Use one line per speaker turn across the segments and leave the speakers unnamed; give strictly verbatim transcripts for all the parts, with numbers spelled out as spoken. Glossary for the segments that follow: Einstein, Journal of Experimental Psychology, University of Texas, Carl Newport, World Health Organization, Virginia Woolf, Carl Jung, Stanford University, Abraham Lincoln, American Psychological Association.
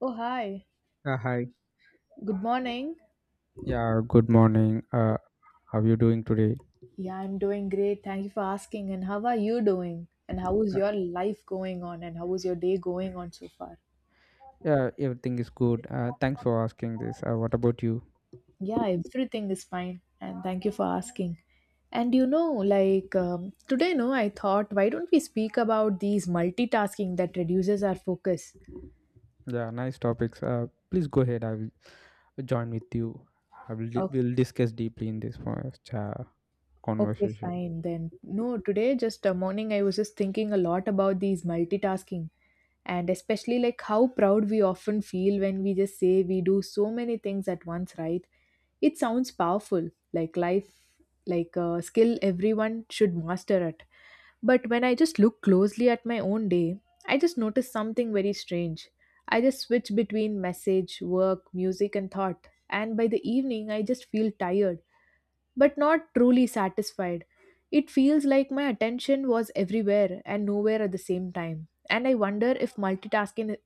Oh, hi.
Uh, hi.
Good morning.
Yeah, good morning. Uh, how you doing today?
Yeah, I'm doing great. Thank you for asking. And how are you doing? And how is
Uh,
your life going on? And how is your day going on so far?
yeah, everything is good. Uh, thanks for asking this. Uh, what about you?
Yeah, everything is fine. And thank you for asking. And you know, like um, today, no, I thought, why don't we speak about these multitasking that reduces our focus?
Yeah, nice topics. Uh, please go ahead. I will join with you. I will di- we'll discuss deeply in this for
Okay,
conversation.
fine then. No, today just uh, morning I was just thinking a lot about these multitasking, and especially like how proud we often feel when we just say we do so many things at once, right? It sounds powerful, like life, like a skill everyone should master it. But when I just look closely at my own day, I just notice something very strange. I just switch between message, work, music, and thought. And by the evening, I just feel tired but not truly satisfied. It feels like my attention was everywhere and nowhere at the same time. And I wonder if multitasking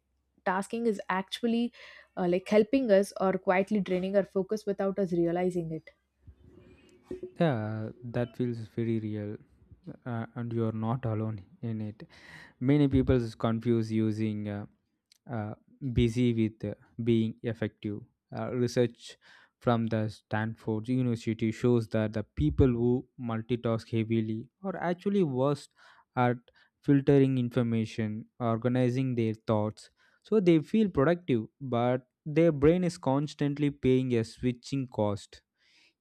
tasking is actually uh, like helping us or quietly draining our focus without us realizing it.
Yeah, that feels very real, uh, and you are not alone in it. Many people confuse using uh, uh, busy with uh, being effective. Uh, research from the Stanford University shows that the people who multitask heavily are actually worse at filtering information, organizing their thoughts. So they feel productive, but their brain is constantly paying a switching cost.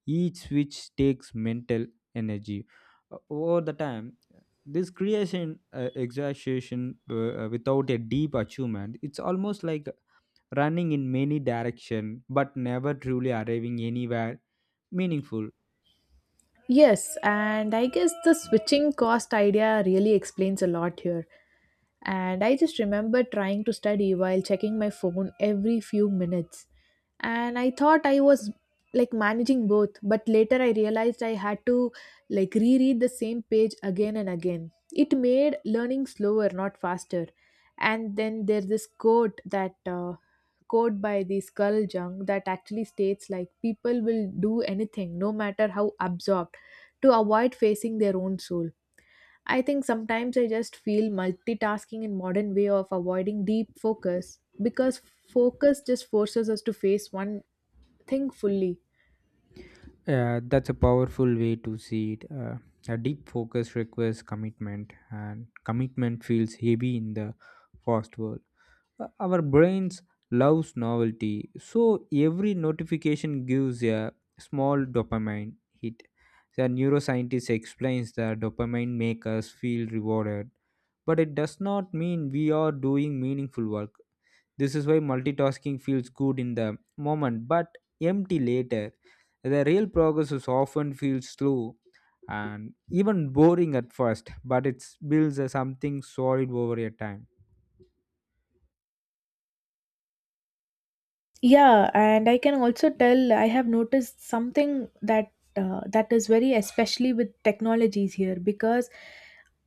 Each switch takes mental energy. O- Over the time, this creation uh, exhaustion uh, uh, without a deep achievement, it's almost like running in many direction but never truly arriving anywhere meaningful.
Yes, and I guess the switching cost idea really explains a lot here. And I just remember trying to study while checking my phone every few minutes. And I thought I was like managing both, but later I realized I had to like reread the same page again and again. It made learning slower, not faster. And then there's this quote that uh, quote by this Carl Jung that actually states like people will do anything, no matter how absorbed, to avoid facing their own soul. I think sometimes I just feel multitasking in modern way of avoiding deep focus, because focus just forces us to face one think fully.
Uh, that's a powerful way to see it. Uh, a deep focus requires commitment, and commitment feels heavy in the fast world. Uh, Our brains loves novelty, so every notification gives a small dopamine hit. The neuroscientist explains that dopamine makes us feel rewarded, but it does not mean we are doing meaningful work. This is why multitasking feels good in the moment but empty later. The real progress is often feels slow and even boring at first, but it builds a something solid over a time.
Yeah, and I can also tell I have noticed something that uh, that is very especially with technologies here, because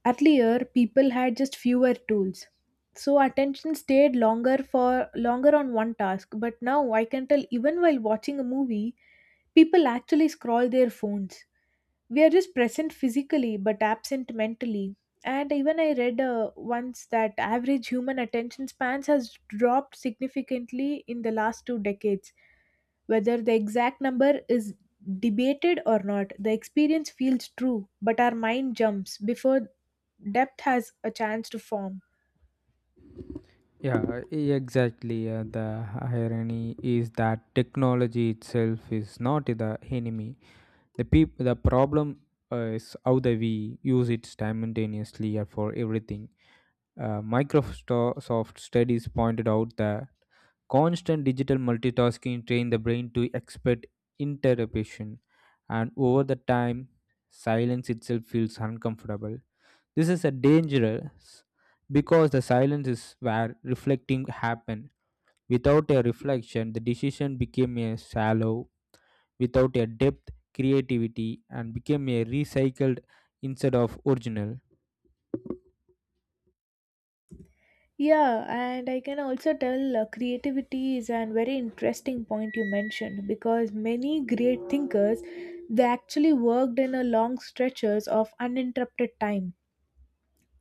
earlier people had just fewer tools. So attention stayed longer for longer on one task, but now I can tell even while watching a movie, people actually scroll their phones. We are just present physically but absent mentally. And even I read uh, once that average human attention spans has dropped significantly in the last two decades. Whether the exact number is debated or not, the experience feels true, but our mind jumps before depth has a chance to form.
Yeah, uh, e- exactly. Uh, the irony is that technology itself is not the enemy. The peop- the problem uh, is how the we use it simultaneously and for everything. Uh, Microsoft studies pointed out that constant digital multitasking train the brain to expect interruption, and over the time, silence itself feels uncomfortable. This is a dangerous because the silence is where reflecting happen. Without a reflection, the decision became a shallow, without a depth, creativity, and became a recycled instead of original.
Yeah, and I can also tell uh, creativity is an very interesting point you mentioned, because many great thinkers, they actually worked in a long stretches of uninterrupted time.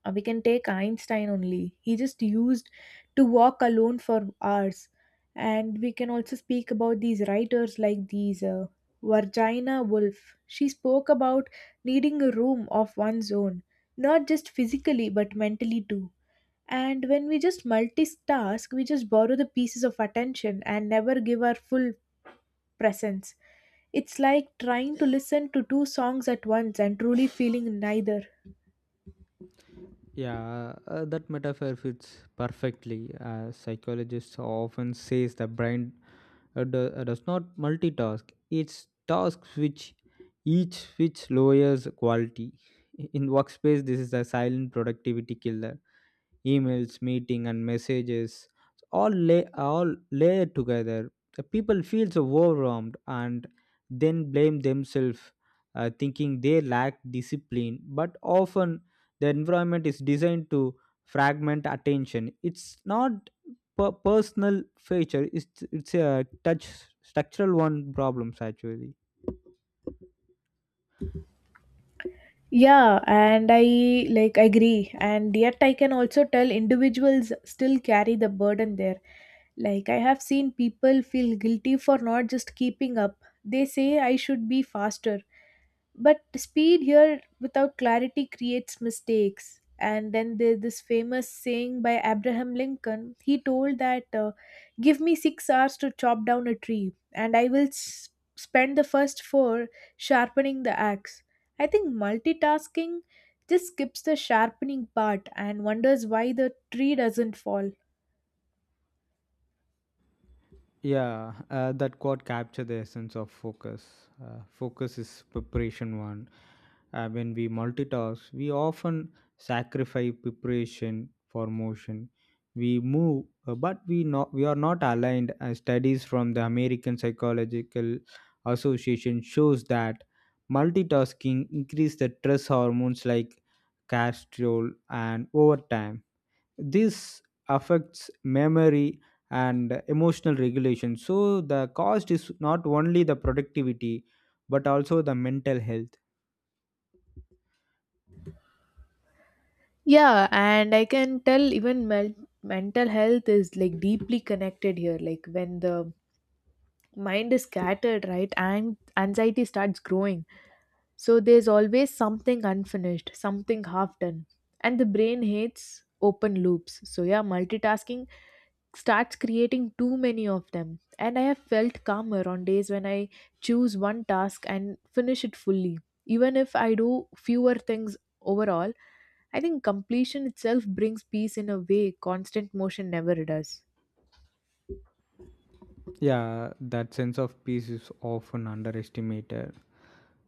uh, We can take Einstein only. He just used to walk alone for hours. And we can also speak about these writers like these uh, Virginia Woolf. She spoke about needing a room of one's own, not just physically but mentally too. And when we just multitask, we just borrow the pieces of attention and never give our full presence. It's like trying to listen to two songs at once and truly feeling neither.
Yeah, uh, uh, that metaphor fits perfectly. Uh, psychologists often says the brain uh, do, uh, does not multitask. It's task which each which lowers quality. In workspace, this is a silent productivity killer. Emails meeting and messages all lay all layered together. The people feel so overwhelmed and then blame themselves, uh, thinking they lack discipline, but often the environment is designed to fragment attention. It's not per- personal feature, it's it's a touch structural one problems actually.
Yeah, and I like agree. And yet, I can also tell individuals still carry the burden there. Like, I have seen people feel guilty for not just keeping up. They say, I should be faster, but speed here without clarity creates mistakes. And then there's this famous saying by Abraham Lincoln. He told that, uh, give me six hours to chop down a tree and I will s- spend the first four sharpening the axe. I think multitasking just skips the sharpening part and wonders why the tree doesn't fall.
Yeah, uh, that quote captured the essence of focus. Uh, focus is preparation one. Uh, when we multitask, we often sacrifice preparation for motion. We move, uh, but we not we are not aligned. As studies from the American Psychological Association shows that multitasking increase the stress hormones like cortisol, and over time this affects memory and emotional regulation. So the cost is not only the productivity but also the mental health.
Yeah, and I can tell even mel- mental health is like deeply connected here. Like when the mind is scattered, right, and anxiety starts growing, so there's always something unfinished, something half done, and the brain hates open loops. So yeah, multitasking starts creating too many of them. And I have felt calmer on days when I choose one task and finish it fully, even if I do fewer things overall. I think completion itself brings peace in a way constant motion never does.
Yeah, that sense of peace is often underestimated.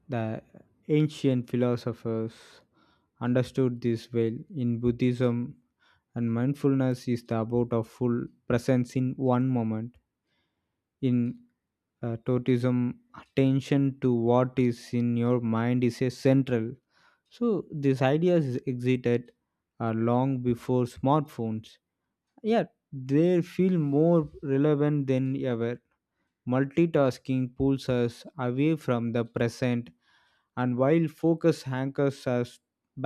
The ancient philosophers understood this well. In Buddhism and mindfulness is the about of full presence in one moment. In uh, totism, attention to what is in your mind is a central. So these ideas existed uh, long before smartphones. Yet they feel more relevant than ever. Multitasking pulls us away from the present, and while focus anchors us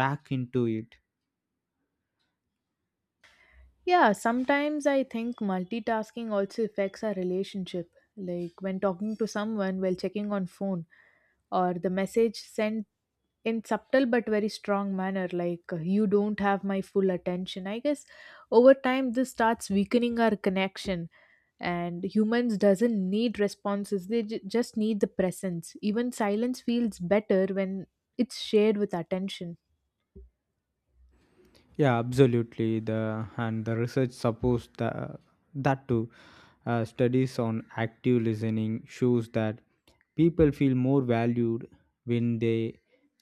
back into it.
Yeah, sometimes I think multitasking also affects our relationship. Like when talking to someone while checking on phone or the message sent in subtle but very strong manner, like uh, you don't have my full attention. I guess over time this starts weakening our connection. And humans doesn't need responses. They j- just need the presence. Even silence feels better when it's shared with attention.
Yeah, absolutely. The and the research supports the, that too. Uh, studies on active listening shows that people feel more valued when the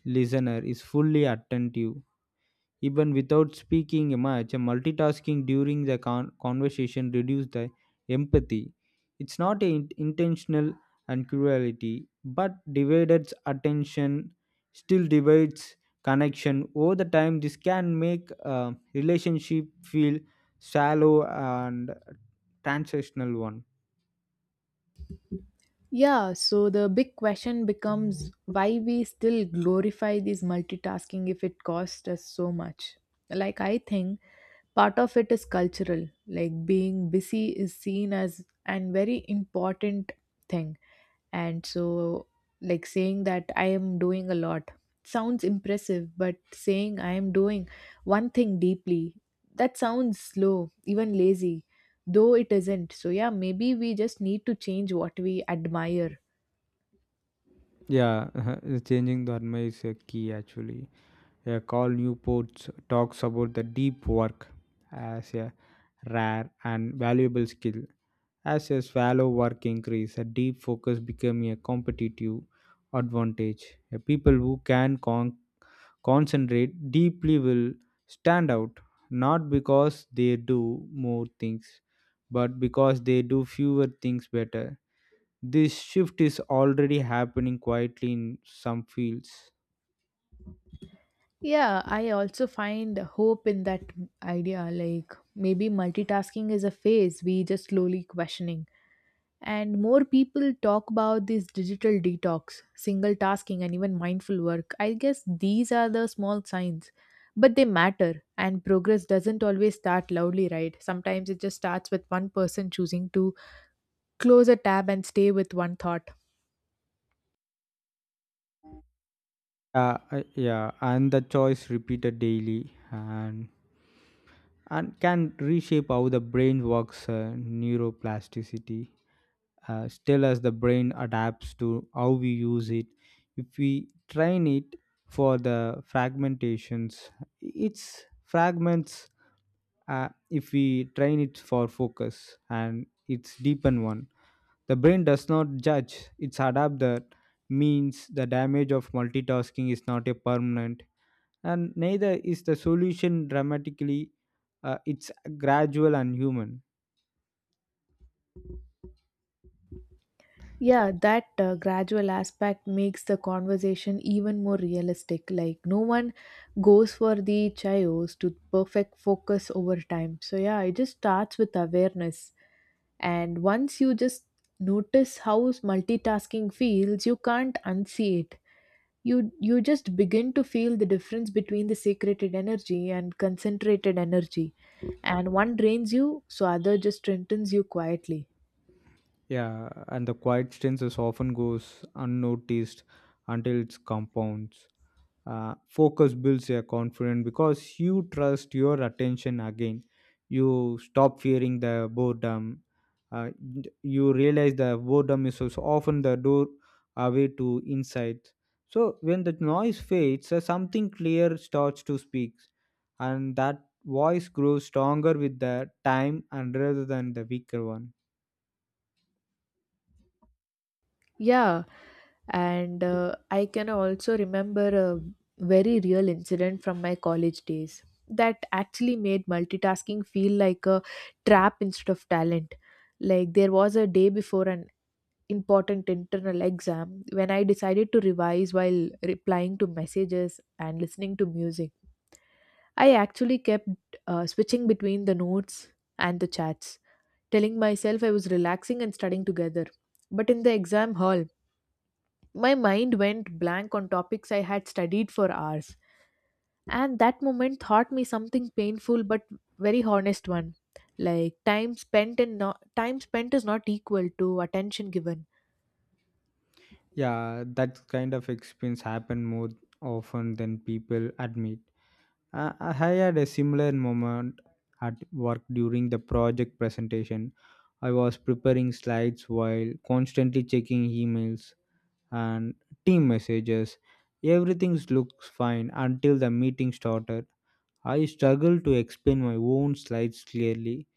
listener is fully attentive. Even without speaking much, multitasking during the con- conversation reduces the empathy. It's not a in- intentional and cruelty, but divided attention still divides connection. Over the time, this can make a relationship feel shallow and transactional one.
Yeah, so the big question becomes why we still glorify this multitasking if it costs us so much. Like, I think part of it is cultural, like, being busy is seen as an very important thing. And so, like, saying that I am doing a lot sounds impressive, but saying I am doing one thing deeply, that sounds slow, even lazy, though it isn't. So, yeah, maybe we just need to change what we admire.
Yeah, changing the dharma is a key actually. A Carl Newport talks about the deep work as a rare and valuable skill. As a shallow work increase, a deep focus become a competitive advantage. A people who can con- concentrate deeply will stand out, not because they do more things, but because they do fewer things better. This shift is already happening quietly in some fields.
Yeah, I also find hope in that idea. Like maybe multitasking is a phase we just slowly questioning. And more people talk about this digital detox, single tasking, and even mindful work. I guess these are the small signs, but they matter. And progress doesn't always start loudly, right? Sometimes it just starts with one person choosing to close a tab and stay with one thought.
Uh, uh, yeah, and the choice repeated daily and and can reshape how the brain works. Uh, neuroplasticity uh, still as the brain adapts to how we use it. If we train it for the fragmentations, its fragments. Uh, if we train it for focus and its deepen one. The brain does not judge, it's adapt. That means the damage of multitasking is not a permanent, and neither is the solution dramatically. Uh, it's gradual and human.
Yeah, that uh, gradual aspect makes the conversation even more realistic. Like, no one goes for the chayos to perfect focus over time. So, yeah, it just starts with awareness. And once you just notice how multitasking feels, you can't unsee it. You, you just begin to feel the difference between the secreted energy and concentrated energy. And one drains you, so other just strengthens you quietly.
Yeah, and the quiet strength is often goes unnoticed until it compounds. Uh, focus builds your confidence because you trust your attention again. You stop fearing the boredom. uh, d- you realize the boredom is also often the door away to insight. So when the noise fades, uh, something clear starts to speak, and that voice grows stronger with the time and rather than the weaker one.
Yeah, and uh, I can also remember a very real incident from my college days that actually made multitasking feel like a trap instead of talent. Like there was a day before an important internal exam when I decided to revise while replying to messages and listening to music. I actually kept uh, switching between the notes and the chats, telling myself I was relaxing and studying together. But in the exam hall, my mind went blank on topics I had studied for hours, and that moment taught me something painful but very honest one. Like time spent and not time spent is not equal to attention given.
Yeah, that kind of experience happen more often than people admit. I I had a similar moment at work during the project presentation. I was preparing slides while constantly checking emails and team messages. Everything looks fine until the meeting started. I struggled to explain my own slides clearly.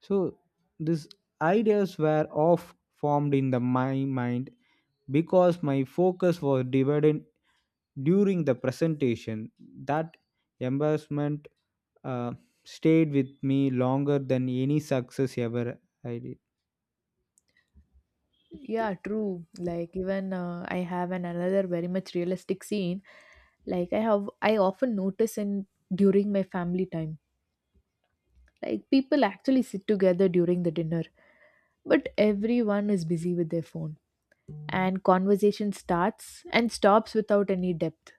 So, these ideas were off formed in the, my mind because my focus was divided during the presentation. That embarrassment uh, stayed with me longer than any success ever I did.
Yeah, true. Like even uh, I have an another very much realistic scene. Like I have, I often notice in during my family time, like people actually sit together during the dinner, but everyone is busy with their phone, and conversation starts and stops without any depth.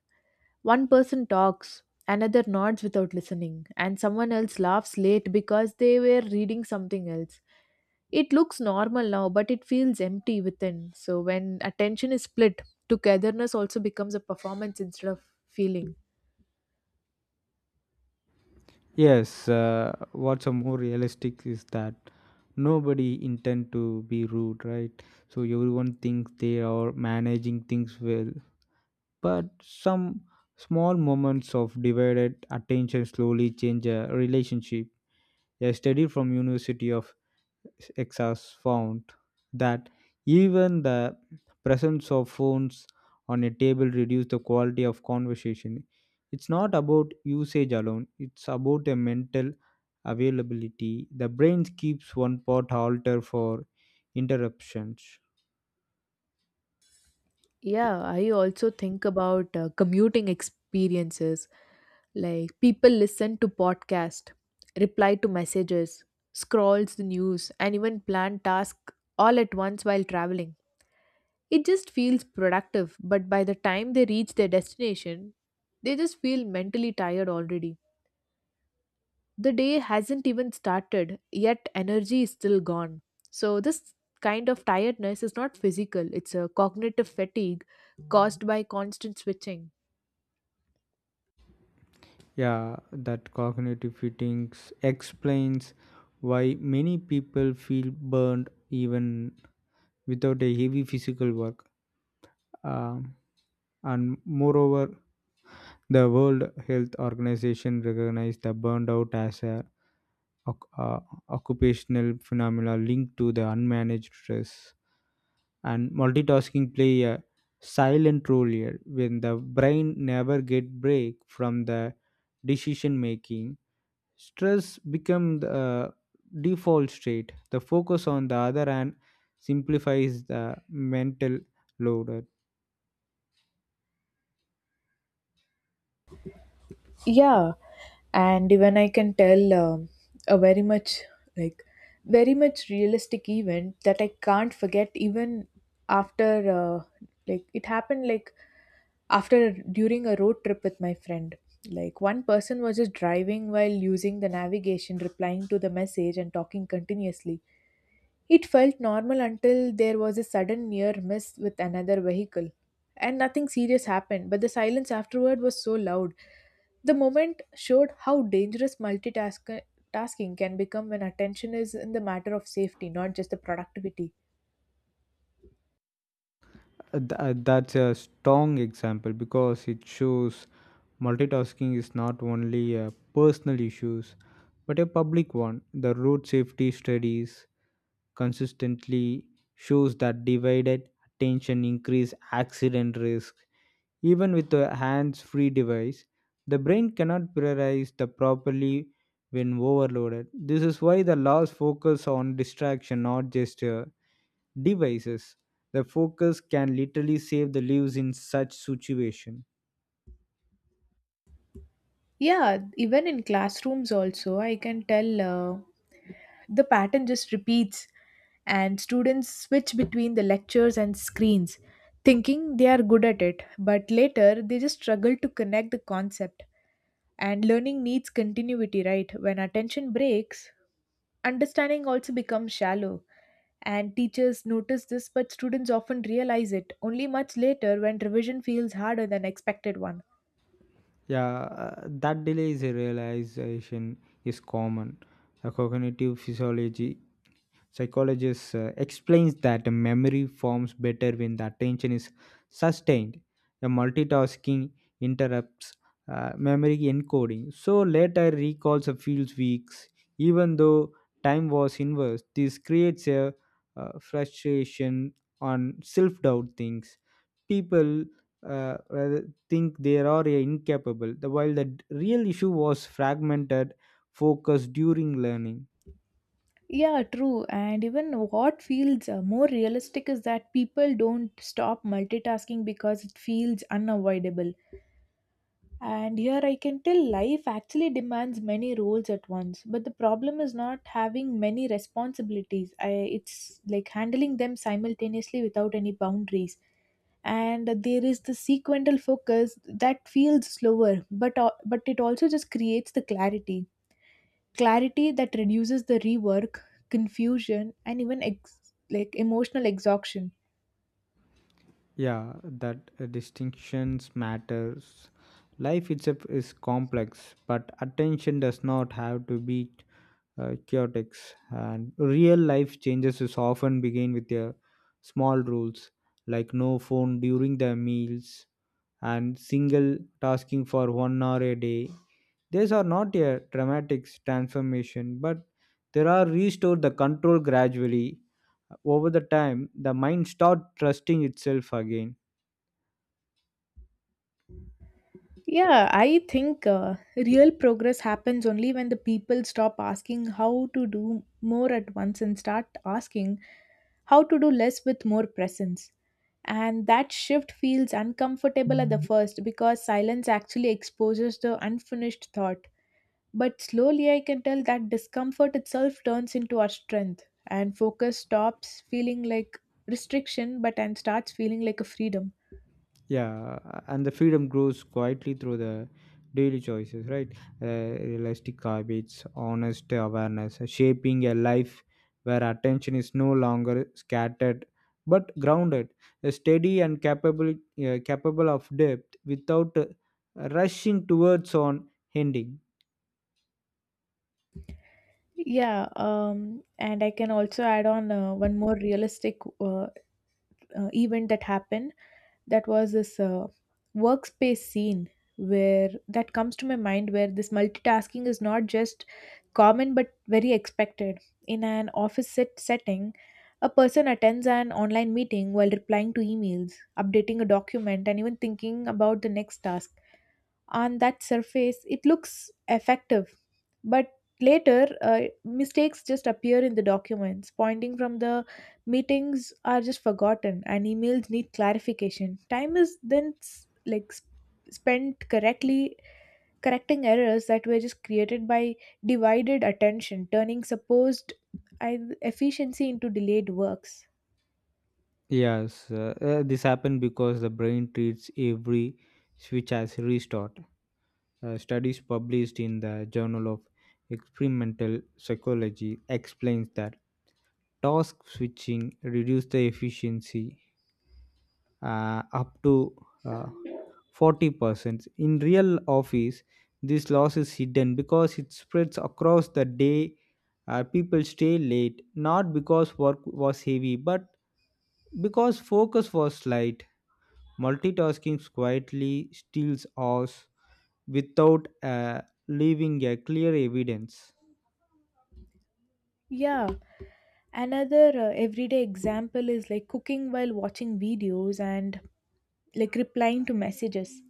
One person talks, another nods without listening, and someone else laughs late because they were reading something else. It looks normal now, but it feels empty within. So when attention is split, togetherness also becomes a performance instead of feeling.
Yes, uh, what's a more realistic is that nobody intend to be rude, right? So everyone thinks they are managing things well, but some small moments of divided attention slowly change a relationship. A study from University of exas found that even the presence of phones on a table reduce the quality of conversation. It's not about usage alone, it's about a mental availability. The brain keeps one pot halter for interruptions.
Yeah, I also think about uh, commuting experiences. Like people listen to podcast, reply to messages, scrolls the news, and even plan tasks all at once while traveling. It just feels productive, but by the time they reach their destination, they just feel mentally tired already. The day hasn't even started, yet energy is still gone. So, this kind of tiredness is not physical, it's a cognitive fatigue caused by constant switching.
Yeah, that cognitive fittings explains why many people feel burned even without a heavy physical work. Um, and moreover, the World Health Organization recognized the burnout as a oc- uh, occupational phenomena linked to the unmanaged stress, and multitasking play a silent role here. When the brain never get break from the decision making, stress becomes the uh, default state. The focus on the other hand simplifies the mental load.
Yeah, and even I can tell um, a very much like very much realistic event that I can't forget even after uh, like it happened like after during a road trip with my friend. Like one person was just driving while using the navigation, replying to the message and talking continuously. It felt normal until there was a sudden near miss with another vehicle. And nothing serious happened, but the silence afterward was so loud. The moment showed how dangerous multitasking tasking can become when attention is in the matter of safety, not just the productivity.
Uh, th- uh, that's a strong example because it shows multitasking is not only a personal issues but a public one. The road safety studies consistently shows that divided attention increase accident risk. Even with a hands-free device, the brain cannot prioritize the properly when overloaded. This is why the laws focus on distraction, not just uh, devices. The focus can literally save the lives in such situation.
Yeah, even in classrooms also, I can tell uh, the pattern just repeats. And students switch between the lectures and screens thinking they are good at it, but later they just struggle to connect the concept. And learning needs continuity, right? When attention breaks, understanding also becomes shallow. And teachers notice this, but students often realize it only much later when revision feels harder than expected one.
Yeah, uh, that delay is a realization is common. A cognitive physiology psychologist uh, explains that the memory forms better when the attention is sustained. The multitasking interrupts uh, memory encoding, so later recalls of feels weeks, even though time was inverse. This creates a uh, frustration on self-doubt things. People uh, think they are incapable, the- while the d- real issue was fragmented focus during learning.
Yeah, true. And even what feels uh, more realistic is that people don't stop multitasking because it feels unavoidable. And here I can tell life actually demands many roles at once. But the problem is not having many responsibilities, I, it's like handling them simultaneously without any boundaries. And there is the sequential focus that feels slower, but, uh, but it also just creates the clarity clarity that reduces the rework, confusion, and even ex- like emotional exhaustion.
Yeah, that uh, distinctions matters. Life itself is complex, but attention does not have to be uh, chaotic. And real life changes is often begin with their small rules, like no phone during the meals and single tasking for one hour a day. These are not a dramatic transformation, but there are restored the control gradually. Over the time, the mind start trusting itself again.
Yeah, I think uh, real progress happens only when the people stop asking how to do more at once and start asking how to do less with more presence. And that shift feels uncomfortable at the first because silence actually exposes the unfinished thought. But slowly I can tell that discomfort itself turns into our strength, and focus stops feeling like restriction but and starts feeling like a freedom.
Yeah, and the freedom grows quietly through the daily choices, right? Uh, realistic habits, honest awareness, shaping a life where attention is no longer scattered but grounded, uh, steady, and capable uh, capable of depth without uh, rushing towards on ending.
Yeah, um, and I can also add on uh, one more realistic uh, uh, event that happened. That was this uh, workspace scene where that comes to my mind, where this multitasking is not just common but very expected. In an office set setting, a person attends an online meeting while replying to emails, updating a document, and even thinking about the next task. On that surface it looks effective, but later uh, mistakes just appear in the documents, pointing from the meetings are just forgotten, and emails need clarification. Time is then s- like s- spent correctly correcting errors that were just created by divided attention, turning supposed I- efficiency into delayed works.
Yes, uh, uh, this happened because the brain treats every switch as restart. Uh, studies published in the Journal of Experimental Psychology explains that task switching reduces the efficiency uh, up to uh, forty percent. In real office, this loss is hidden because it spreads across the day. Uh, people stay late not because work was heavy, but because focus was light. Multitasking quietly steals us without uh, leaving a clear evidence.
Yeah, another uh, everyday example is like cooking while watching videos and like replying to messages.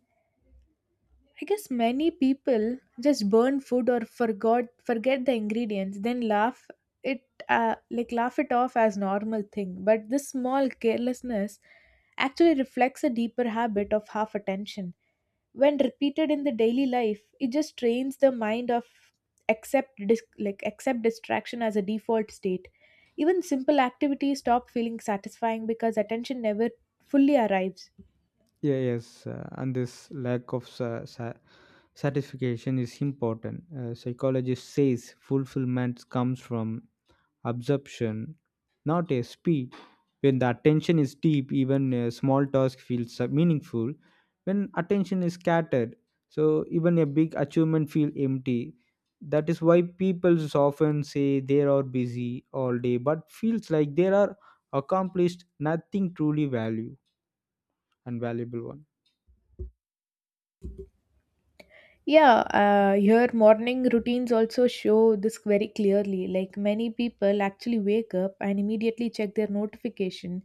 I guess many people just burn food or forgot forget the ingredients, then laugh it uh, like laugh it off as normal thing. But this small carelessness actually reflects a deeper habit of half attention. When repeated in the daily life, it just trains the mind of accept dis- like accept distraction as a default state. Even simple activities stop feeling satisfying because attention never fully arrives.
Yeah, yes, uh, and this lack of sa- sa- satisfaction is important. Uh, psychologist says fulfillment comes from absorption, not a speed. When the attention is deep, even a small task feels uh, meaningful. When attention is scattered, so even a big achievement feels empty. That is why people often say they are busy all day, but feels like they are accomplished nothing truly value and valuable one.
Yeah, uh, your morning routines also show this very clearly. Like many people actually wake up and immediately check their notification,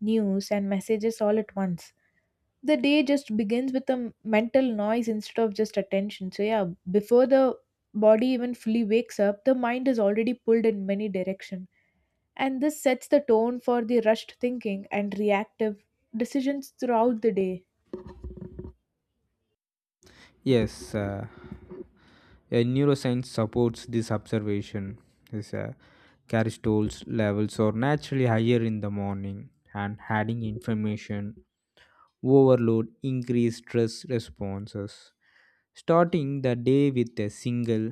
news, and messages all at once. The day just begins with a m- mental noise instead of just attention. So, yeah, before the body even fully wakes up, the mind is already pulled in many directions, and this sets the tone for the rushed thinking and reactive decisions throughout the day.
Yes, uh, a neuroscience supports this observation. Is uh, cortisol's levels are naturally higher in the morning, and adding information overload increase stress responses. Starting the day with a single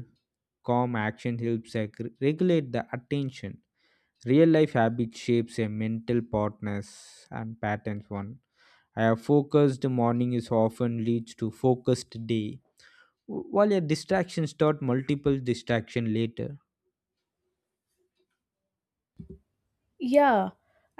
calm action helps reg- regulate the attention. Real life habit shapes a mental partners and patterns one. I have focused morning is often leads to focused day. While your distractions start multiple distraction later.
Yeah,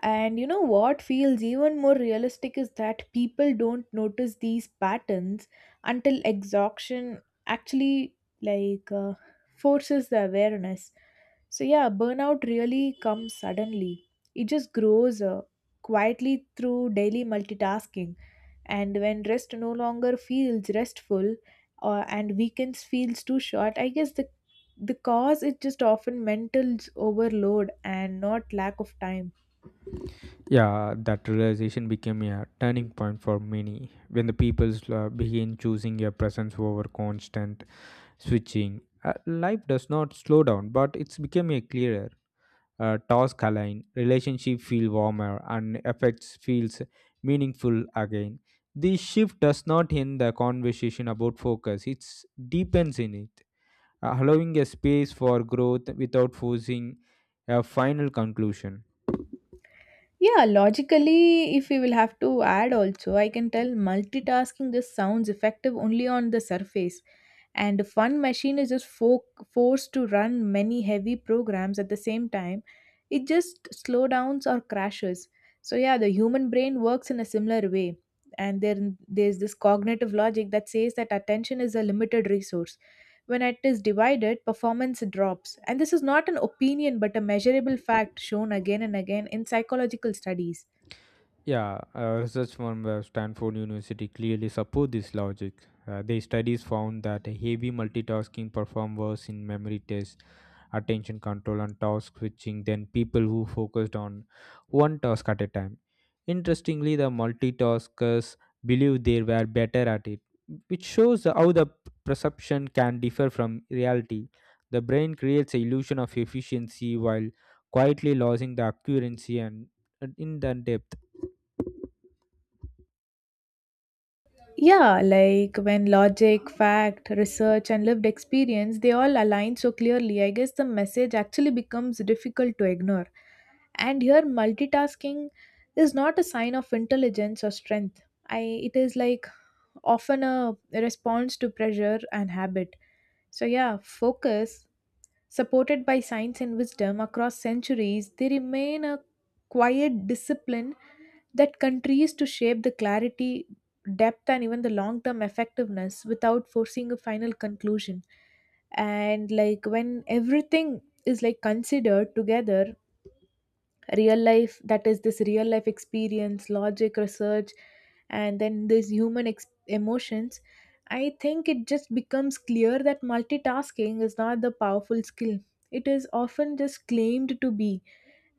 and you know what feels even more realistic is that people don't notice these patterns until exhaustion actually like uh, forces the awareness. So yeah, burnout really comes suddenly. It just grows uh, quietly through daily multitasking, and when rest no longer feels restful uh, and weekends feels too short, I guess the the cause is just often mental overload and not lack of time.
Yeah, that realization became a turning point for many when the people uh, begin choosing your presence over constant switching. Uh, life does not slow down, but it's become a clearer. Uh, task align, relationship feel warmer, and effects feels meaningful again. This shift does not end the conversation about focus; it deepens in it. Uh, allowing a space for growth without forcing a final conclusion.
Yeah, logically, if we will have to add also, I can tell multitasking just sounds effective only on the surface. And if one machine is just fo- forced to run many heavy programs at the same time, it just slow downs or crashes. So yeah, the human brain works in a similar way. And there there's this cognitive logic that says that attention is a limited resource. When it is divided, performance drops, and this is not an opinion but a measurable fact shown again and again in psychological studies.
Yeah, uh, research from uh, Stanford University clearly support this logic. Uh, their studies found that heavy multitasking performed worse in memory tests, attention control, and task switching than people who focused on one task at a time. Interestingly, the multitaskers believe they were better at it, which shows how the perception can differ from reality. The brain creates an illusion of efficiency while quietly losing the accuracy and and in the depth.
Yeah, like when logic, fact, research, and lived experience, they all align so clearly, I guess the message actually becomes difficult to ignore. And here, multitasking is not a sign of intelligence or strength. I, it is like often a response to pressure and habit. So, yeah, focus, supported by science and wisdom across centuries, they remain a quiet discipline that continues to shape the clarity, depth, and even the long term effectiveness without forcing a final conclusion. And like when everything is like considered together, real life, that is this real life experience, logic, research, and then these human ex- emotions, I think it just becomes clear that multitasking is not the powerful skill it is often just claimed to be.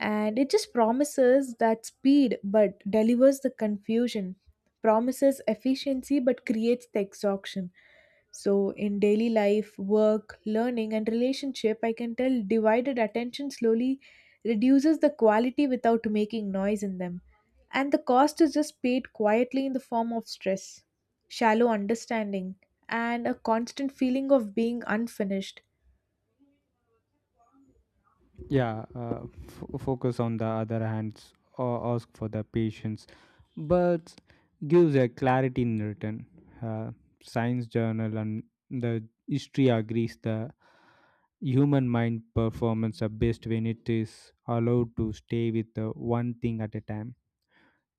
And it just promises that speed but delivers the confusion, promises efficiency but creates the exhaustion. So in daily life, work, learning, and relationship, I can tell divided attention slowly reduces the quality without making noise in them, and the cost is just paid quietly in the form of stress, shallow understanding, and a constant feeling of being unfinished.
Yeah, uh, f- focus on the other hands or ask for the patience but gives a clarity in return. Uh, science journal and the history agrees the human mind performance are best when it is allowed to stay with the one thing at a time.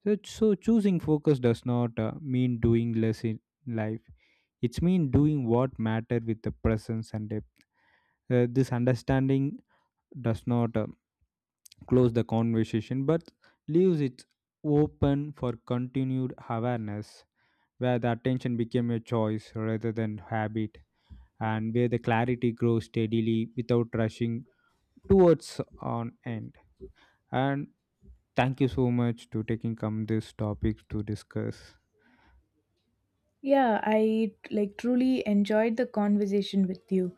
So, so choosing focus does not uh, mean doing less in life. It's mean doing what matter with the presence and depth. Uh, this understanding does not uh, close the conversation but leaves it open for continued awareness, where the attention became a choice rather than habit, and where the clarity grows steadily without rushing towards an end. And thank you so much to taking come this topic to discuss.
Yeah, I like truly enjoyed the conversation with you,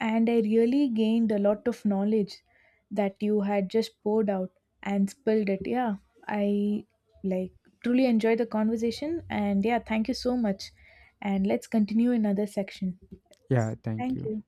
and I really gained a lot of knowledge that you had just poured out and spilled it. Yeah, I like truly enjoyed the conversation, and yeah, thank you so much. And let's continue in other section.
Yeah, thank
Thank
you.
you.